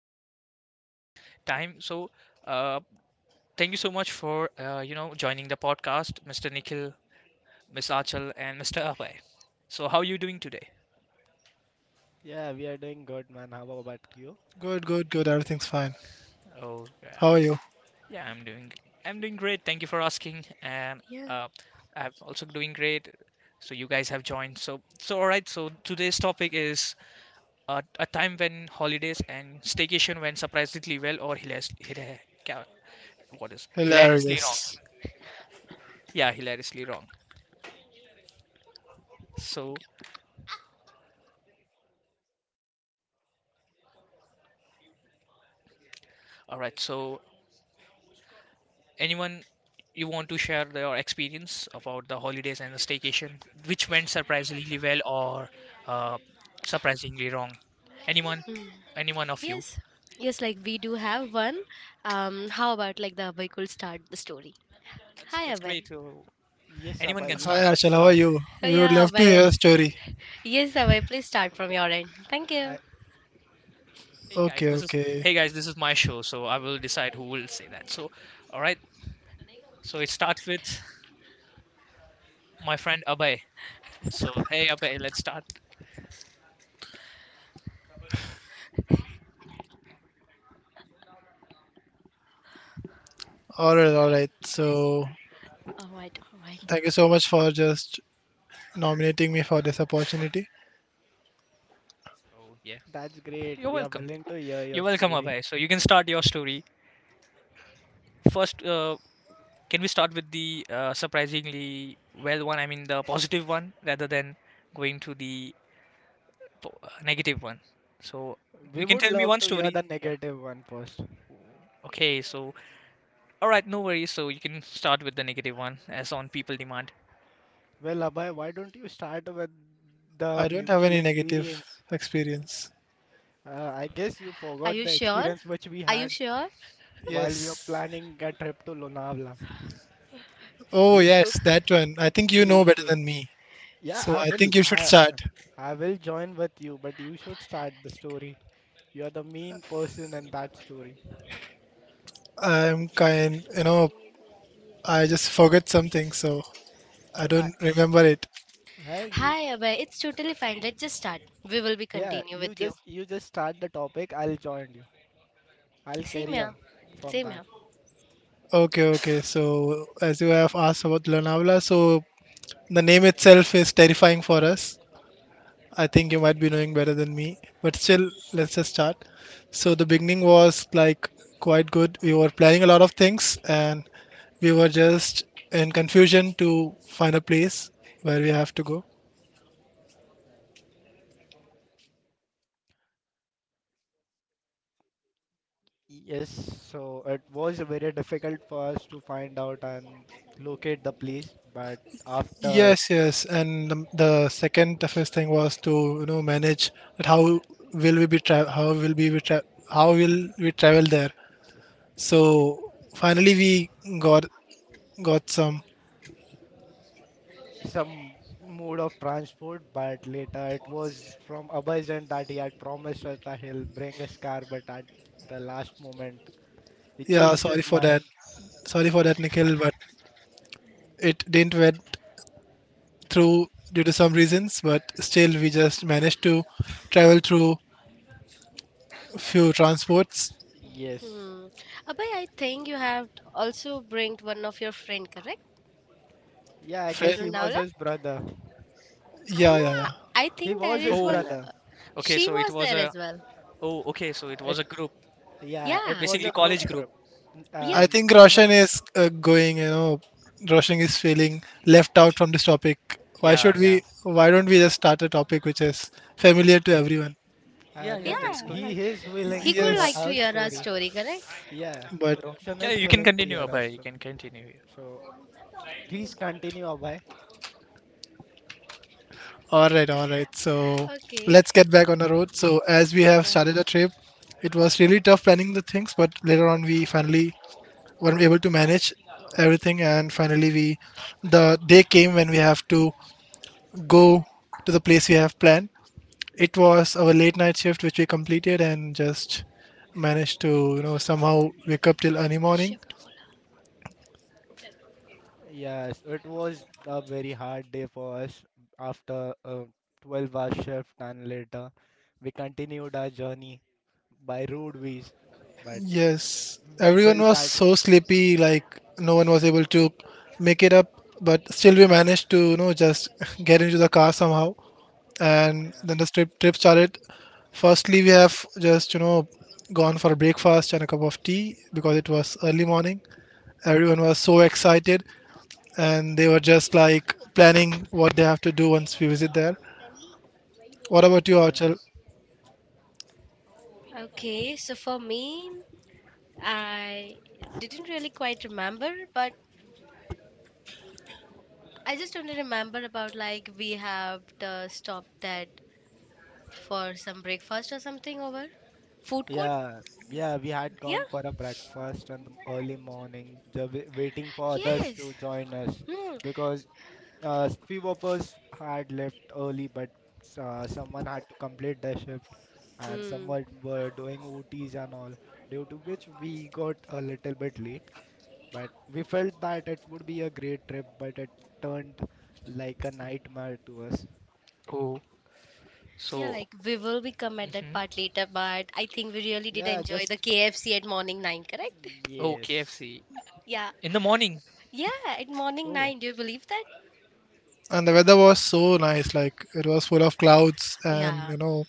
So this is the time. So uh, thank you so much for joining the podcast, Mr. Nikhil, Miss Achal, and Mr. Abhay. So how are you doing today? Yeah, we are doing good, man. How about you? Good, good, good. Everything's fine. Oh, yeah, How are you? yeah, I'm doing great. Thank you for asking, and Yeah. uh, I'm also doing great. So you guys have joined. So all right. So today's topic is a time when holidays and staycation went surprisingly well or what is hilariously wrong. Hilarious. Yeah, hilariously wrong. So, all right. So, anyone you want to share your experience about the holidays and the staycation, which went surprisingly well or uh, surprisingly wrong? Anyone? Mm. Anyone of you? Yes. Yes, like we do have one. How about the Abhay could start the story? That's Hi, that's Abhay. great. So Yes, anyone Abhay, can you Hi, start. should Ashal. How are start. you? Oh, We would yeah, love to Abhay. hear a story. Yes, Abhay, please start B- from your end. Thank you. I, Hey guys, Okay, this is okay. hey guys, this is my show, so I will decide who will say that. So, all right. So it starts with my friend Abhay. So hey Abhay, let's start. All right, all right. So, All right, all right. thank you so much for just nominating me for this opportunity. Oh yeah, that's great. you're We are welcome. willing to hear You're your welcome, story. Abhay. So you can start your story. First, can we start with the surprisingly well one? I mean, the positive one rather than going to the negative one. So We you can would tell me love one to hear story. the Yeah. negative one first. Okay. So, all right, no worries. So you can start with the negative one as on people demand. Well, Abhay, why don't you start with the I don't have mutual any negative experience? experience. I guess you Are forgot you the sure? experience which we Are you had sure? while we were Yes. planning a trip to Lonavala. Oh, You should, yes, that one. I think you you know better should. than me. Yeah, So, I I will. think you should I, start. I will join with you, but you should start the story. You are the main person in that story. I'm kind, I just forget something, so I So I, don't remember it. Uh, you, Hi, Abhay. It's totally fine. Let's just start. We will be yeah, continue with you. You just start the topic. I'll join you. I'll Same carry here. on from Same that. here. Okay, okay. So, as you have asked about Lonavala, so the name itself is terrifying for us. I think you might be knowing better than me, but still, let's just start. So, the beginning was like quite good. We were planning a lot of things and we were just in confusion to find a place where we have to go. Yes, so it was very difficult for us to find out and locate the place, but after Yes, yes. And the second toughest thing was to, manage that how will we be tra- how will we be tra- how will we travel there? So finally we got got some. some mode of transport, but later it was from Abhayjan that he had promised us that he'll bring his car, but at the last moment he Yeah, changed sorry his for that. mind. Sorry for that, Nikhil, but it didn't went through due to some reasons. But still, we just managed to travel through few transports. Yes. Hmm. Abhay, I think you have also bring one of your friend, correct? Yeah, I At Friend, guess he was Lonavala? his brother. I yeah, know. yeah, I yeah. I He think there was his is Oh, one. brother. Okay. She So it was was there a. as well. Oh, okay. So it was a group, Yeah, it Yeah. was a basically group college group. trip. N- Yeah. Uh, I think n- Roshan no, is going. Roshan is feeling left out from this topic. Why Yeah, should yeah, we? Why don't we just start a topic which is familiar to everyone? Yeah, yeah. Yeah. no, That's good. Like he is willing he to could hear like Yes, to our hear our story. story, correct? Yeah, but Roshan Yeah, is you can willing to continue, hear our Abhay. You can story. continue. So please continue, Abhay. All right, all right. So Okay. let's get back on the road. So as we have Um, started the trip, it was really tough planning the things, but later on we finally were able to manage everything, and finally we the day came when we have to go to the place we have planned. It was our late night shift which we completed and just managed to somehow wake up till early morning. shift bola. Yes, it was a very hard day for us after a 12-hour shift, and later we continued our journey by road ways, but Yes, we everyone felt was that, so sleepy, like no one was able to make it up, but still we managed to, just get into the car somehow. And yeah, then the trip started. Firstly, we have just, gone for breakfast and a cup of tea because it was early morning. Everyone was so excited and they were just like planning what they have to do once we visit there. What about you, yeah. Archel? Okay. So for me, I didn't really quite remember, but I just only remember about like we have the stop that for some breakfast or something over food court. Yeah, yeah, we had Yeah. gone for a breakfast on the early morning, waiting for others Yes. to join us Hmm. because few of us had left early, but someone had to complete their shift and Hmm. someone were doing OTs and all, due to which we got a little bit late. But we felt that it would be a great trip, but it turned like a nightmare to us. Oh, Yeah, so. like we will be come at that Mhm. part later, but I think we really did Yeah, enjoy the just KFC at morning 9, correct? Oh, yes. KFC Yeah. in the morning. Yeah, at morning Oh, nine, do you believe that? And the weather was so nice, like it was full of clouds and, Yeah. you know,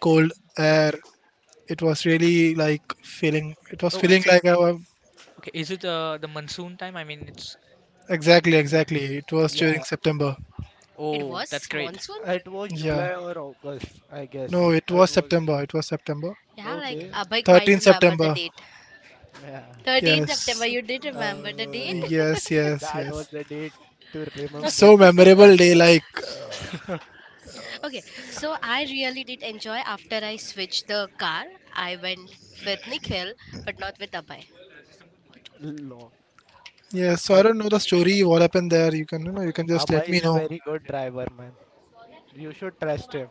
cold air. It was really like feeling it was oh, yeah. feeling it's it. like I was Okay, is it the monsoon time? I mean, it's exactly, yeah. exactly it was Okay. during Yeah. September. It Oh, that's was great. monsoon? It was Yeah, July or August, I no, guess. it It was Okay. was September, it was September Yeah, like okay. Abhay quite Thirteenth remember the September. date. Yeah. 13th September, Yes, you did remember the date? Uh, yes, yes, that was yes. the date to remember, So I memorable guess. day. Okay, so I really did enjoy after I switched the car. I went with Nikhil, but not with Abhay. What? No. Yeah, so I But don't know the story what happened there. You can, you know, you can just let Abhay me is a know. very good driver, man. You should trust him.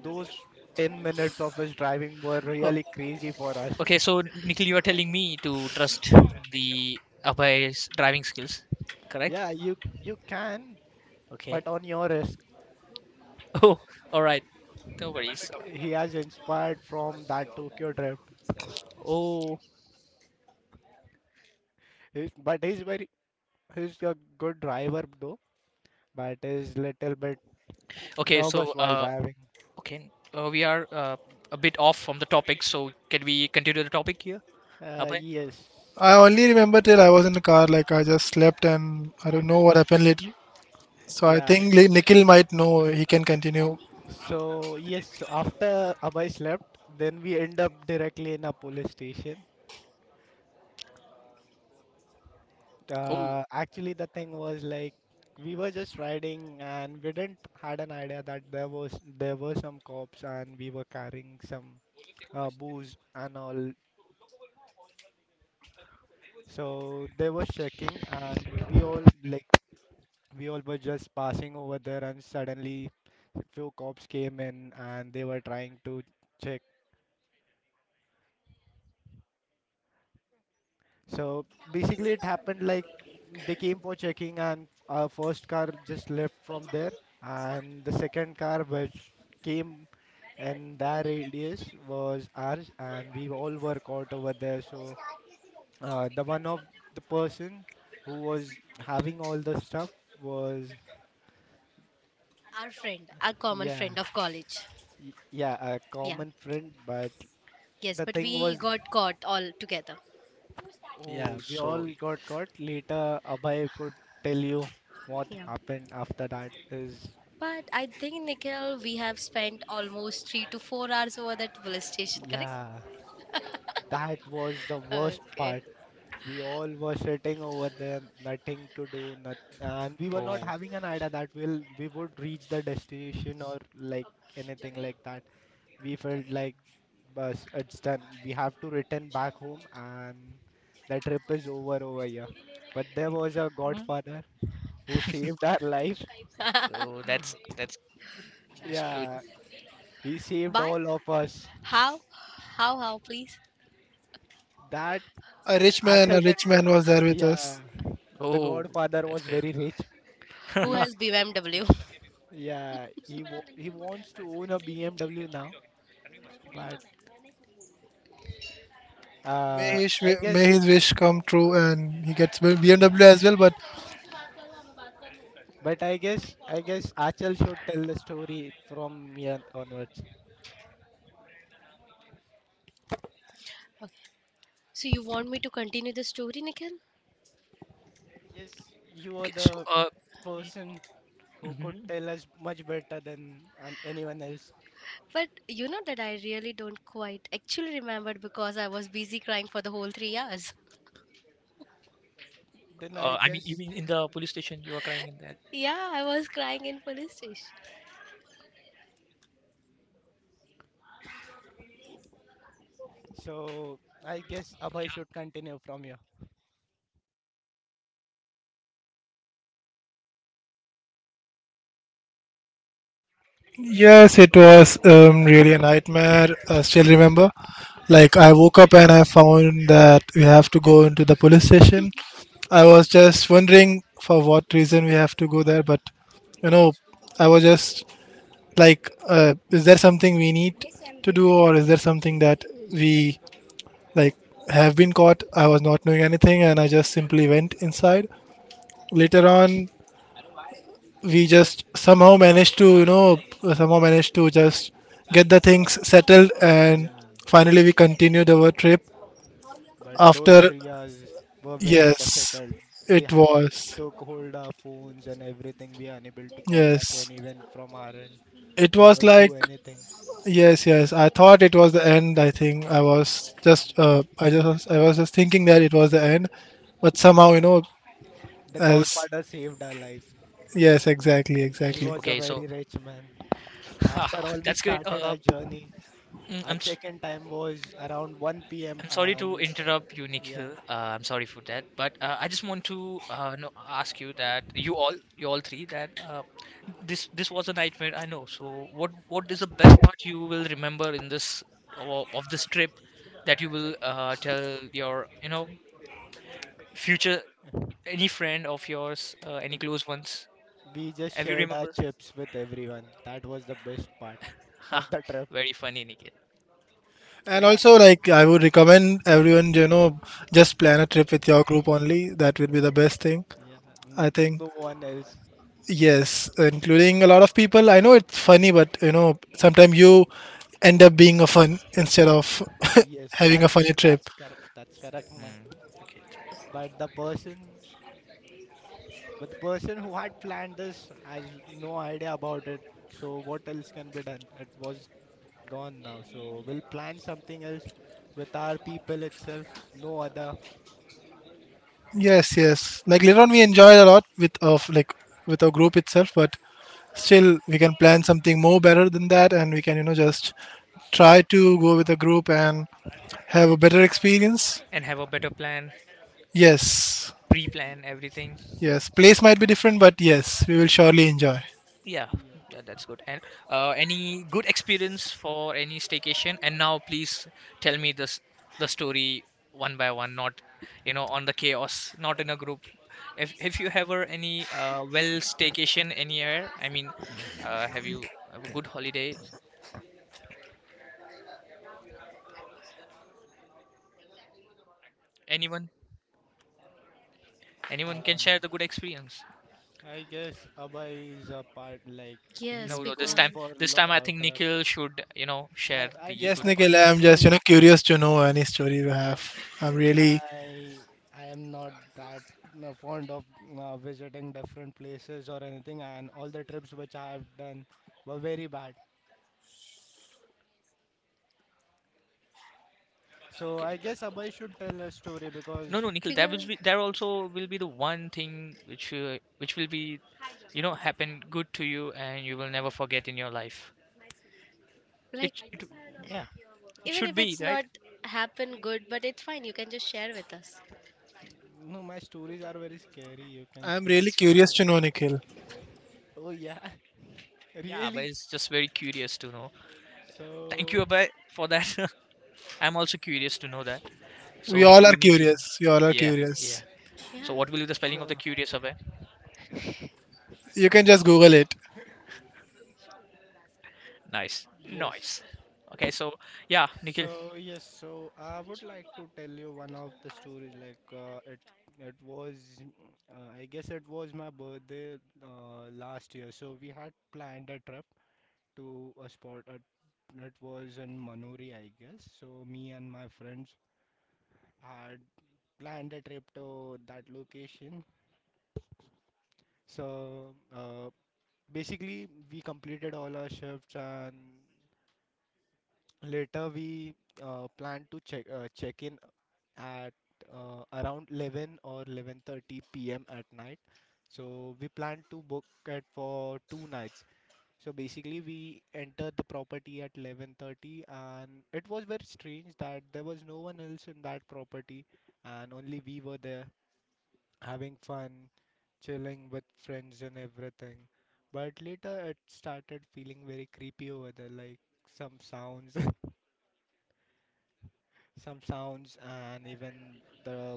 Those 10 minutes of his driving were Oh, really crazy for us. okay. So, Nikhil, you are telling me to trust the Abhay's driving skills, correct? Yeah, you can, Okay. but on your risk. Oh, all right. No worries. He has inspired from that Tokyo drift. Oh, But he's a good driver though, but is little bit okay. So, nervous while driving. okay. We are a bit off from the topic. So, can we continue the topic here, Abhay? Yes. I only remember till I was in the car, like I just slept and I don't know what happened later, so I Yeah. think Nikhil might know, he can continue. So yes, so after Abhay slept, then we end up directly in a police station. Oh, Actually, the thing was like we were just riding and we didn't had an idea that there were some cops and we were carrying some booze and all. So they were checking and we all were just passing over there and suddenly few cops came in and they were trying to check. So basically, it happened like they came for checking, and our first car just left from there, and the second car which came in that radius was ours, and we all were caught over there. So the one of the person who was having all the stuff was Our friend, our common yeah friend of college. Yeah, a Yeah. common friend, but Yes, the but thing we was, got caught all together. oh. yeah, we So, all got caught. Later, Abhay could tell you what Yeah. happened after that is. But I think, Nikhil, we have spent almost 3 to 4 hours over that police station, correct? Yeah, that was the worst Okay. part. We all were sitting over there, nothing to do, not, and we were oh. not having an idea that we would reach the destination or like anything like that. We felt like, bus, it's done. We have to return back home, and the trip is over here. But there was a godfather who saved our life. Oh, that's good. Yeah, he saved Bye. all of us. How? How, please? That a rich man a Achal can rich man tell. was there with us. Yeah, the Oh, godfather that's was great. very rich. Who He has BMW? Yeah, he wants to own a BMW now, but May uh, his I guess wish come true, and he gets BMW as well. But I guess Achal should tell the story from here onwards. Okay. So you want me to continue the story, Nikhil? Yes, you are Okay, so the person who could mhm. tell us much better than anyone else. But you know that I really don't quite actually remembered because I was busy crying for the whole 3 hours. Then I I mean, you guess mean in the police station you were crying in that? Yeah, I was crying in police station. so I guess Abhay should Yeah. continue from here. yes, it was really a nightmare. I still remember. Like I woke up and I found that we have to go into the police station. I was just wondering for what reason we have to go there, but you know, I was just like, is there something we need to do, or is there something that we like have been caught? I was not knowing anything, and I just simply went inside. Later on, we just somehow managed to just get the things settled, and Yeah. finally we continued our trip But those after. 3 hours were very Yes, difficult. They it have was. took hold our phones and everything. We are unable to contact Yes, anyone from our end it was or like. do anything. Yes, yes, I thought it was the end. I think I was just thinking that it was the end. But somehow, The as Godfather saved our lives. yes, exactly, He exactly. was a Okay, so very rich man. After all, we that's great. started our journey. mm, Our I'm s- check-in time was around 1 p.m. I'm sorry to and, interrupt you, yeah, Nikhil. I'm sorry for that, but I just want to no, ask you that you all three that this was a nightmare. I know. So what is the best part you will remember in this of this trip that you will tell your future, any friend of yours, any close ones? we just Have you shared our remember? chips with everyone. That was the best part of Ha, the trip. very funny, Nikhil. And Yeah, also, like, I would recommend everyone, just plan a trip with your group only. That would be the best thing, yeah. I think. No one else. Yes, including a lot of people. I know it's funny, but, sometimes you end up being a fun instead of Yes, having a funny that's trip. correct. That's correct, man. Hmm. Okay. But the person, but the person who had planned this has no idea about it. So what else can be done? It was gone now. So we'll plan something else with our people itself. No other. Yes, yes. Like, later on, we enjoyed a lot with, like, with our group itself, but still, we can plan something more better than that, and we can, just try to go with a group and have a better experience. And have a better plan, Yes. pre-plan Yeah, everything. Yes, place might be different, but yes, we will surely enjoy. Yeah, yeah. That's good. And any good experience for any staycation? And now, please tell me this the story one by one, not on the chaos, not in a group. If you ever any well staycation anywhere, I mean, have you have a good holiday? Anyone? Anyone Uh, can share the good experience. I guess Abhay is a part like No, Yes, he no, this goes time because for this time I think trip. Nikhil should share I, I, the Yes, good I, part. Nikhil, I I'm just don't curious to know any story you have. I'm really, I I am not that fond of visiting different places or anything, and all the trips which I have done were very bad. So Okay, I guess Abhay should tell a story no, because no, Nikhil, there will because be there also will be the one thing which which will be happen good to you, and you will never forget in your life. like It Yeah, it even should if be it's not right. happen good, but it's fine. You can just share with us. no, my stories are very scary, you can I'm say. really It's fine. curious to know, Nikhil. Oh, yeah, Yeah, but really? it's just very curious to know. Thank So you, y- Abhay, for that. I'm also curious to know that. So We all Nikhil, you are need to do. curious. We all are Yeah, yeah, curious. so Yeah. what will be the spelling of the sure, curious, Abhay? You can just Google it. Nice, yes. nice. Okay, so yeah, Nikhil. So yes, so I would like to tell you one of the stories. Like, it was, I guess it was my birthday last year. So we had planned a trip to a spot. It was in Manori, I guess. So me and my friends had planned a trip to that location. So basically, we completed all our shifts and later we planned to check in at around 11 or 11:30 p.m. at night. So we plan to book it for 2 nights. So basically, we entered the property at 11:30, and it was very strange that there was no one else in that property, and only we were there having fun, chilling with friends and everything. But later, it started feeling very creepy over there, like some sounds. Some sounds and even the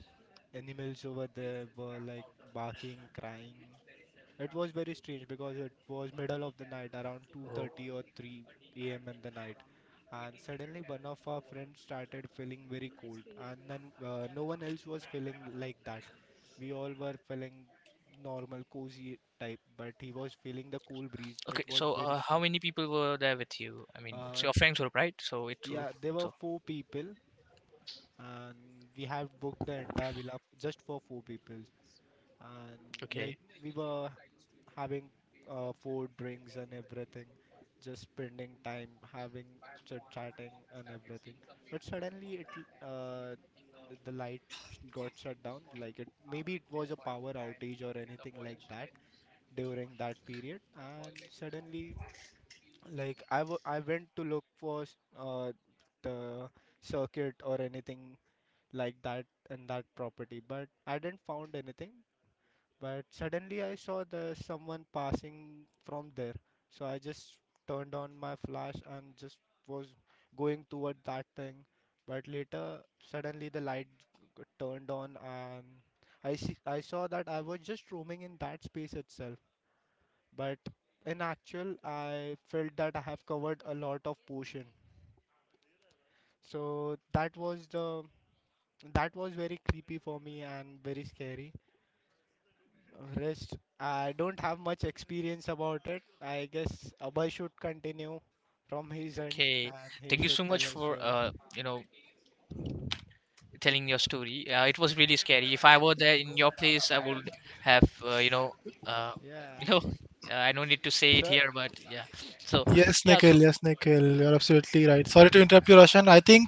animals over there were like barking, crying. It was very strange because it was middle of the night, around Oh. 2:30 or 3 a.m. in the night, and suddenly one of our friends started feeling very cold, and then, no one else was feeling like that. We all were feeling normal, cozy type, but he was feeling the cool breeze. Okay, It was so very how strong. many people were there with you? I mean, it's Uh, your friends group, right? So it will. yeah, there were So four people and we have booked the entire villa just for four people and, like, okay, we were having food drinks and everything, just spending time having chit chatting and everything, but suddenly the light got shut down, like, it maybe it was a power outage or anything like that during that period, and suddenly, like, I went to look for the circuit or anything like that and that property, but I didn't found anything. But suddenly I saw the someone passing from there, so I just turned on my flash and just was going toward that thing. But later, suddenly the turned on, and I saw that I was just roaming in that space itself. But in actual, I felt that I have covered a lot of portion. So that was very creepy for me and very scary. Rest, I don't have much experience about it. I guess Abhay should continue from his end okay. and he Thank you should so tell much a for story. Telling your story. It was really scary. If I were there in your place, I would have uh, Yeah. you know, I don't need to say it Sure. here, but yeah. So Yes, yeah, so Nikhil. Yes, Nikhil. You're absolutely right. Sorry to interrupt you, Roshan. I think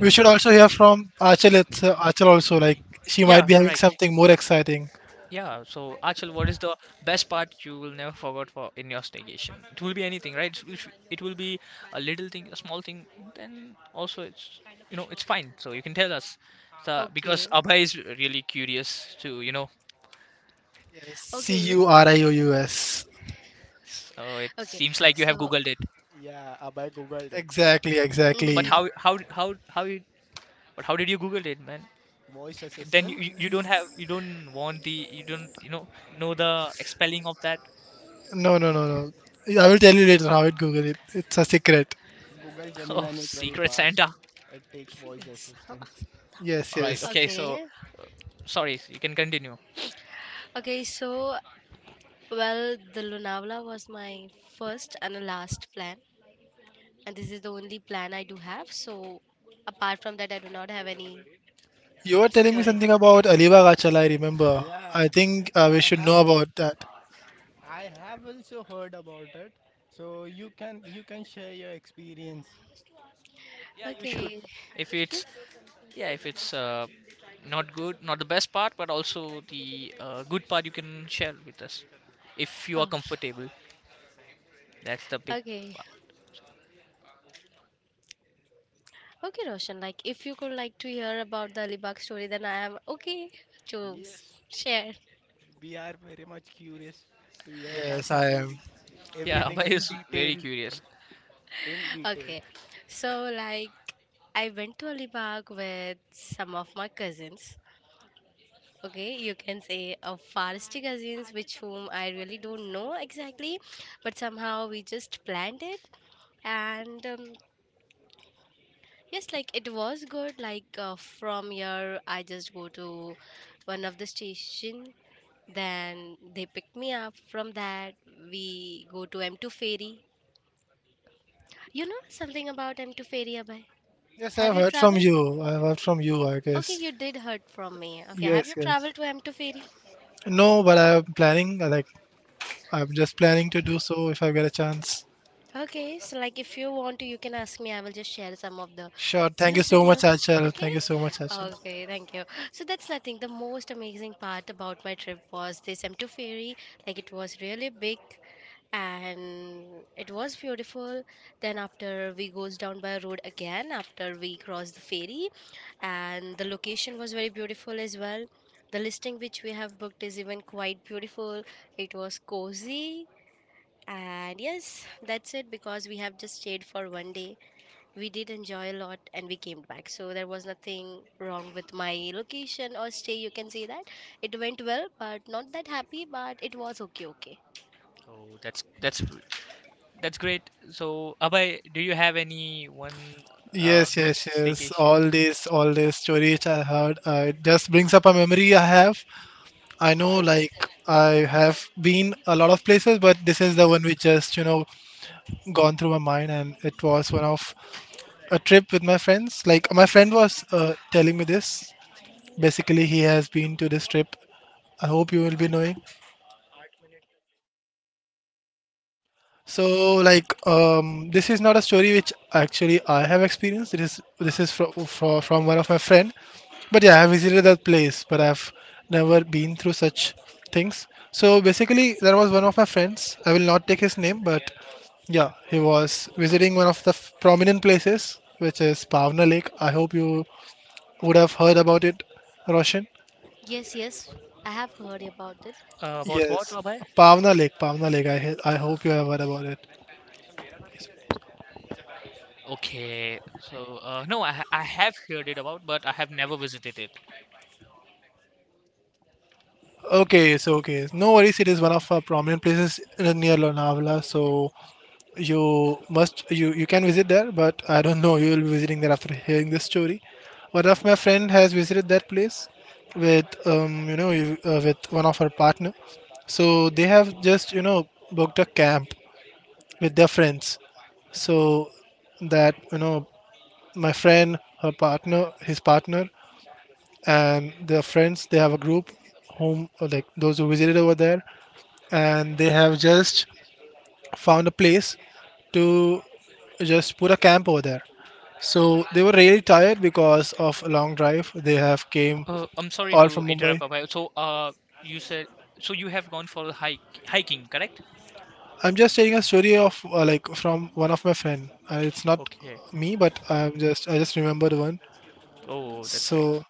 we should also hear from Achal. It's Achal also. Like she might yeah, be having correct. something more exciting. Yeah, so Achal, what is the best part you will never forget for in your staycation? It will be anything, right? It will be a little thing, a small thing. Then also, it's fine. So you can tell us, so, because Okay. Abhay is really curious to. Yes, C U Okay. R I O U S. So it Okay. seems like you have So, googled it, Yeah, Abhay Googled it. Exactly, but exactly. how did you google it, man? Voice Then you, assistant. you you don't have you don't want the you don't know the expelling of that. No, no, no, no. I will tell you later how it Google it. It's a secret. Google Oh, Gemini is very secret fast. Santa. It takes voice yes. assistance. Yes, All right, yes. okay, so Okay. sorry, you can continue. Okay. So, well, the Lonavala was my first and the last plan, and this is the only plan I do have. So, apart from that, I do not have any You were telling me story. something about Alibaba Achala, I remember. Yeah, I think we I should have know about that. I have also heard about it. So you can share your experience. Yeah, you should. Okay. If Yes. it's yeah, if it's not good, not the best part, but also the good part, you can share with us if you are Oh, comfortable. That's the big okay. part. Okay, Roshan, like if you could like to hear about the Alibag story, then I am okay to Yes, share. we are very much curious to hear that Yes, Yeah, I am. story. yeah. Everything Abhay in is very detail. curious. In detail. Okay, so I went to Alibag with some of my cousins. Okay, you can say a forestry cousins, which whom I really don't know exactly, but somehow we just planned it and. Yes, like it was good. Like from here, I just go to one of the station. Then they pick me up. From that, we go to M2 ferry. You know something about M2 ferry, Abhay? Yes, I've Have you heard from traveled? you. I've heard from you, I Okay, guess. you did heard from me. Okay, have Yes, you yes. traveled to M2 ferry? No, but I'm I'm just planning to do so if I get a chance. Okay, so like if you want to, you can ask me. I will just share some of the Sure. Thank you chills with so much, you. Achal. Okay? Thank you so much, Achal. Okay, thank you. So that's nothing. The most amazing part about my trip was this M2 ferry. Like it was really big and it was beautiful. Then after we goes down by road again after we cross the ferry and the location was very beautiful as well. The listing which we have booked is even quite beautiful. It was cozy and yes, that's it because we have just stayed for one day. We did enjoy a lot and we came back. So there was nothing wrong with my location or stay, you can say that. It went well, but not that happy, but it was okay, okay. Oh, that's great. So, Abhay, do you have any one Yes, good yes, yes. All staycation? this, all this stories I heard, it just brings up a memory I have. I know, Oh, like, I have been a lot of places, but this is the one which just, gone through my mind. And it was one of a trip with my friends. Like, my friend was telling me this. Basically, he has been to this trip. I hope you will be knowing. So like this is not a story which actually I have experienced. It is This is from one of my friend. But yeah, I have visited that place, but I've never been through such things. So basically, there was one of my friends. I will not take his name, but yeah, he was visiting one of the prominent places, which is Pavna Lake. I hope you would have heard about it, Roshan. Yes, yes, I have heard about it. About what, Yes, Abhay? Pavna Lake, Pavna Lake. I hope you have heard about it. Okay, so no, I have heard it about, but I have never visited it. Okay, so okay, no worries. It is one of our prominent places near Lonavala, so you must you you can visit there. But I don't know you will be visiting there after hearing this story. One of my friend has visited that place with with one of her partner. So they have just booked a camp with their friends. So that my friend, her partner, his partner, and their friends they have a group whom like those who visited over there and they have just found a place to just put a camp over there. So they were really tired because of a long drive. They have came I'm sorry all to from Mumbai. interrupt, Abhay. So, you said so you have gone for a hike hiking, correct? I'm just telling a story of like from one of my friend. It's not Okay. me, but I just remembered one. Oh, that's great. So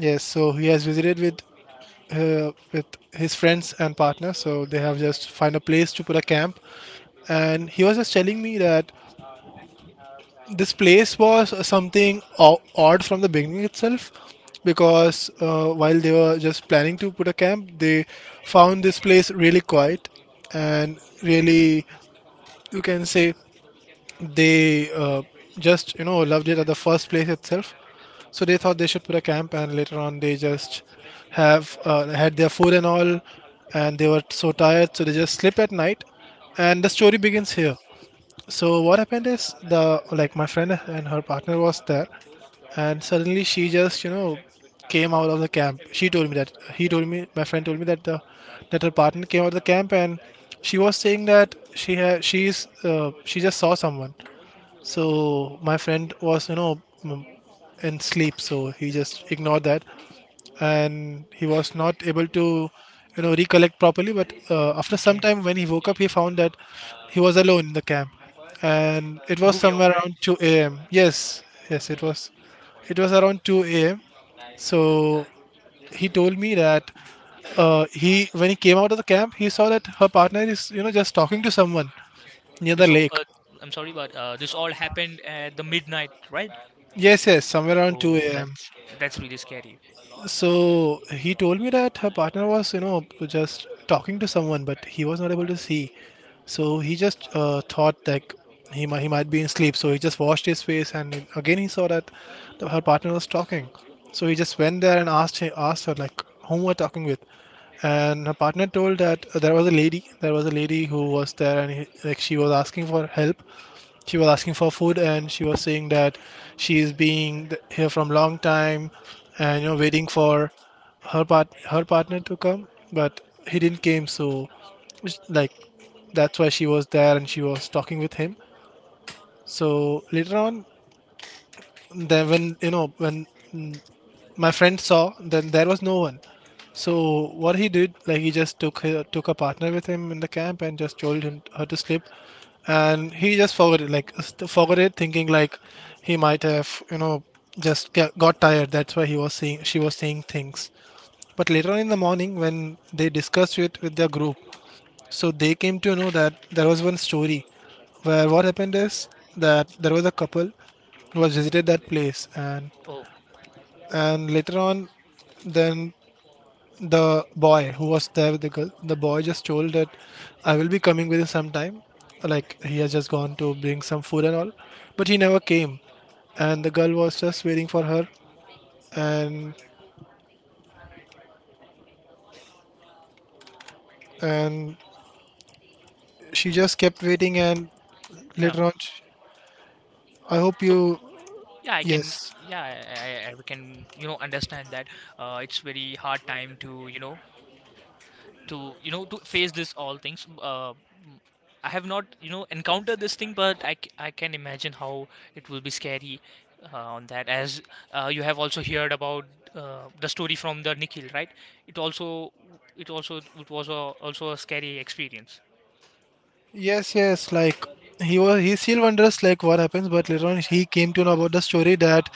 yes, so he has visited with his friends and partner. So they have just find a place to put a camp, and he was just telling me that this place was something odd from the beginning itself because while they were just planning to put a camp they found this place really quiet and really you can say they just you know loved it at the first place itself, so they thought they should put a camp, and later on they just have had their food and all, and they were so tired so they just slept at night. And the story begins here. So what happened is the like my friend and her partner was there, and suddenly she just came out of the camp. She told me that he told me My friend told me that the that her partner came out of the camp and she was saying that she had she's she just saw someone. So my friend was in sleep, so he just ignored that and he was not able to recollect properly, but after some Okay. time when he woke up he found that he was alone in the camp, and it was Who your somewhere friend? around 2 a.m. Yes, yes, Okay. It was around 2 a.m. So he told me that he when he came out of the camp he saw that her partner is just talking to someone near Okay, the so, lake. I'm sorry, but this all happened at the midnight, right? Yes, yes, somewhere around 2 Oh, a.m. that's really scary. So he told me that her partner was, just talking to someone, but he was not able to see. So he just thought that he might be in sleep. So he just washed his face, and then again he saw that her partner was talking. So he just went there and asked her, like, whom were talking with? And her partner told that there was a lady. There was a lady who was there, and like she was asking for help, she was asking for food, and she was saying that she is being here from long time, and you know waiting for her part her partner to come, but he didn't came, so it's like that's why she was there and she was talking with him. So later on, then when mm, my friend saw, then there was no one. So what he did, like he just took a partner with him in the camp and just told him her to sleep, and he just forgot it, like forgot it, thinking like he might have just got tired, that's why he was seeing she was seeing things. But later on in the morning, when they discussed it with their group, so they came to know that there was one story where what happened is that there was a couple who was visited that place and Oh, later on, then the boy who was there with the girl, the boy just told that I will be coming with you sometime, like he has just gone to bring some food and all, but he never came, and the girl was just waiting for her, and and she just kept waiting, and yeah. later on I hope you. So, yeah, I can, Yes. yeah, I can, understand that. It's very hard time to, you know, to you know to face this all things, I have not encountered this thing, but I can imagine how it will be scary, on that, as you have also heard about the story from the Nikhil, right? it also it was a, also a scary experience. Yes, yes. Like he still wonders like what happens. But later on, he came to know about the story that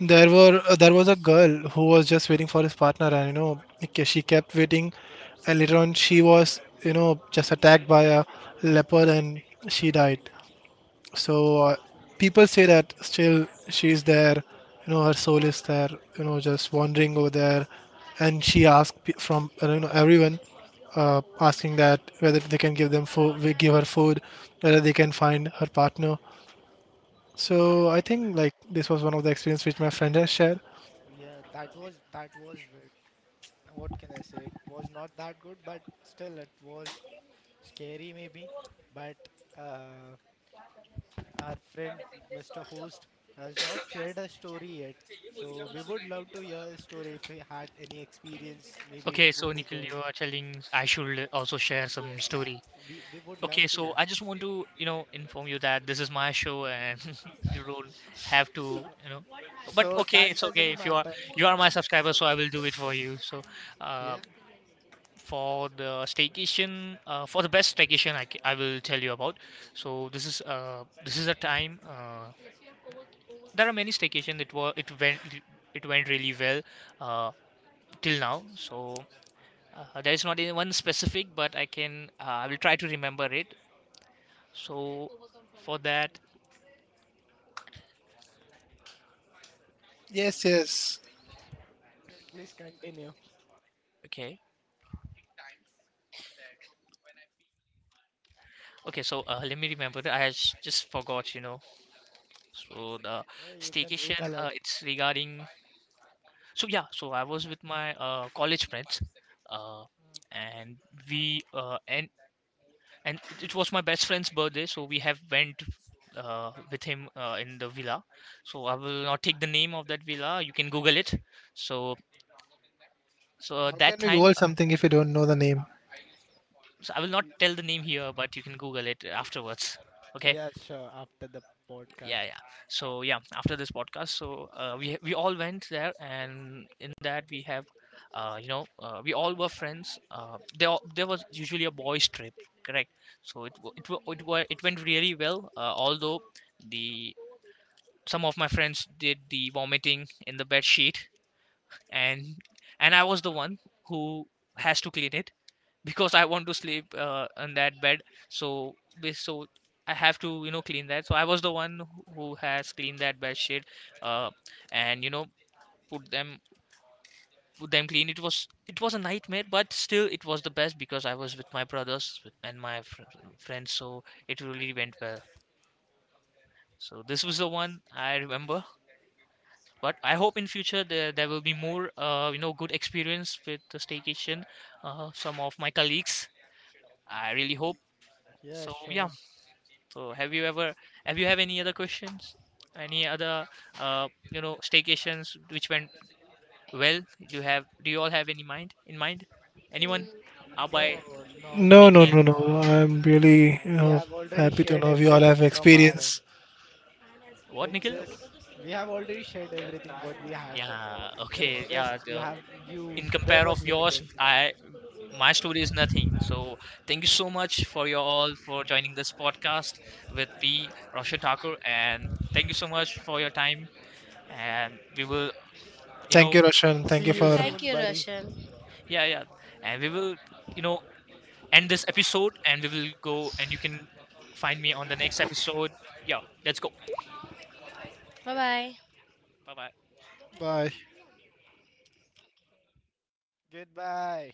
there was a girl who was just waiting for his partner, and you know she kept waiting, and later on she was just attacked by a leopard and she died. So people say that still she's there, you know her soul is there, you know just wandering over there, and she asked from everyone, asking that whether they can give them food, we give her food, whether they can find her partner. So I Uh, think like this was one of the experience which my friend has shared. yeah, that was what can I say? It was not that good, but still it was scary maybe. But uh, our friend Mr. Host has not shared a story yet, so we would love to hear his story. If he had any experience, maybe it Okay, so would be Nikhil, good. you are telling I should also share some Yes, story. We would love Okay, to so hear. I just want to, inform you that this is my show, and you don't have to, So, you know. But so okay, that it's okay doesn't if you are matter. you are my subscriber, so I will do it for you. So, uh, Yeah. for the staycation, for the best staycation, I will tell you about. So this is a time. There are many staycation. It went really well, uh, till now. So there is not any one specific, but I will try to remember it. So for that. Yes, yes. Yes, please continue. Okay. Okay, so let me remember that just forgot. So the Yeah, you can staycation, recollect. it's regarding. So yeah, so I was with my college friends, uh, and we and it was my best friend's birthday, so we have went with him in the villa. So I will not take the name of that villa. You can Google it. So How can that we goal time, something if you don't know the name? so I will not tell the name here, but you can Google it afterwards. Okay. Yeah, sure, after the Yeah, podcast. yeah, so yeah, after this podcast. So we all went there, and in that we have we all were friends, there was usually a boys trip, correct? So it went really well, although the some of my friends did the vomiting in the bed sheet, and and I was the one who has to clean it because I want to sleep on that bed. So bas- so I have to clean that. So I was the one who has cleaned that bed sheet, uh, and put them put them clean. It was a nightmare, but still it was the best because I was with my brothers and my friends. So it really went well. So this was the one I remember. But I hope in future there will be more, good experience with the staycation. Some of my colleagues, I really hope. Yeah, So yeah. sure. So have you ever, have you have any other questions? Any other, staycations which went well? Do you have? Do you all have any mind in mind? N- Anyone? Hmm. Abhay, No, not No, as no, Nikhil. no, of no, now. I'm really We have already happy to shared know we all everything have from our end. experience. What It's Nikhil? just we have already shared everything what we had. Yeah. It's Okay. Yeah. just you The have you In there compare of was yours, limitation. I my story is nothing, so thank you so much for you all for joining this podcast with P Roshan Thakur, and thank you so much for your time, and we will, you Thank know you, Roshan. Thank you See you yeah, yeah, for. yeah, Thank soon, you, buddy. Roshan. yeah, yeah, and we will, you know end this episode, and we will go, and you can find me on the next episode. Yeah, let's go. Bye bye. Bye bye. Bye. Goodbye.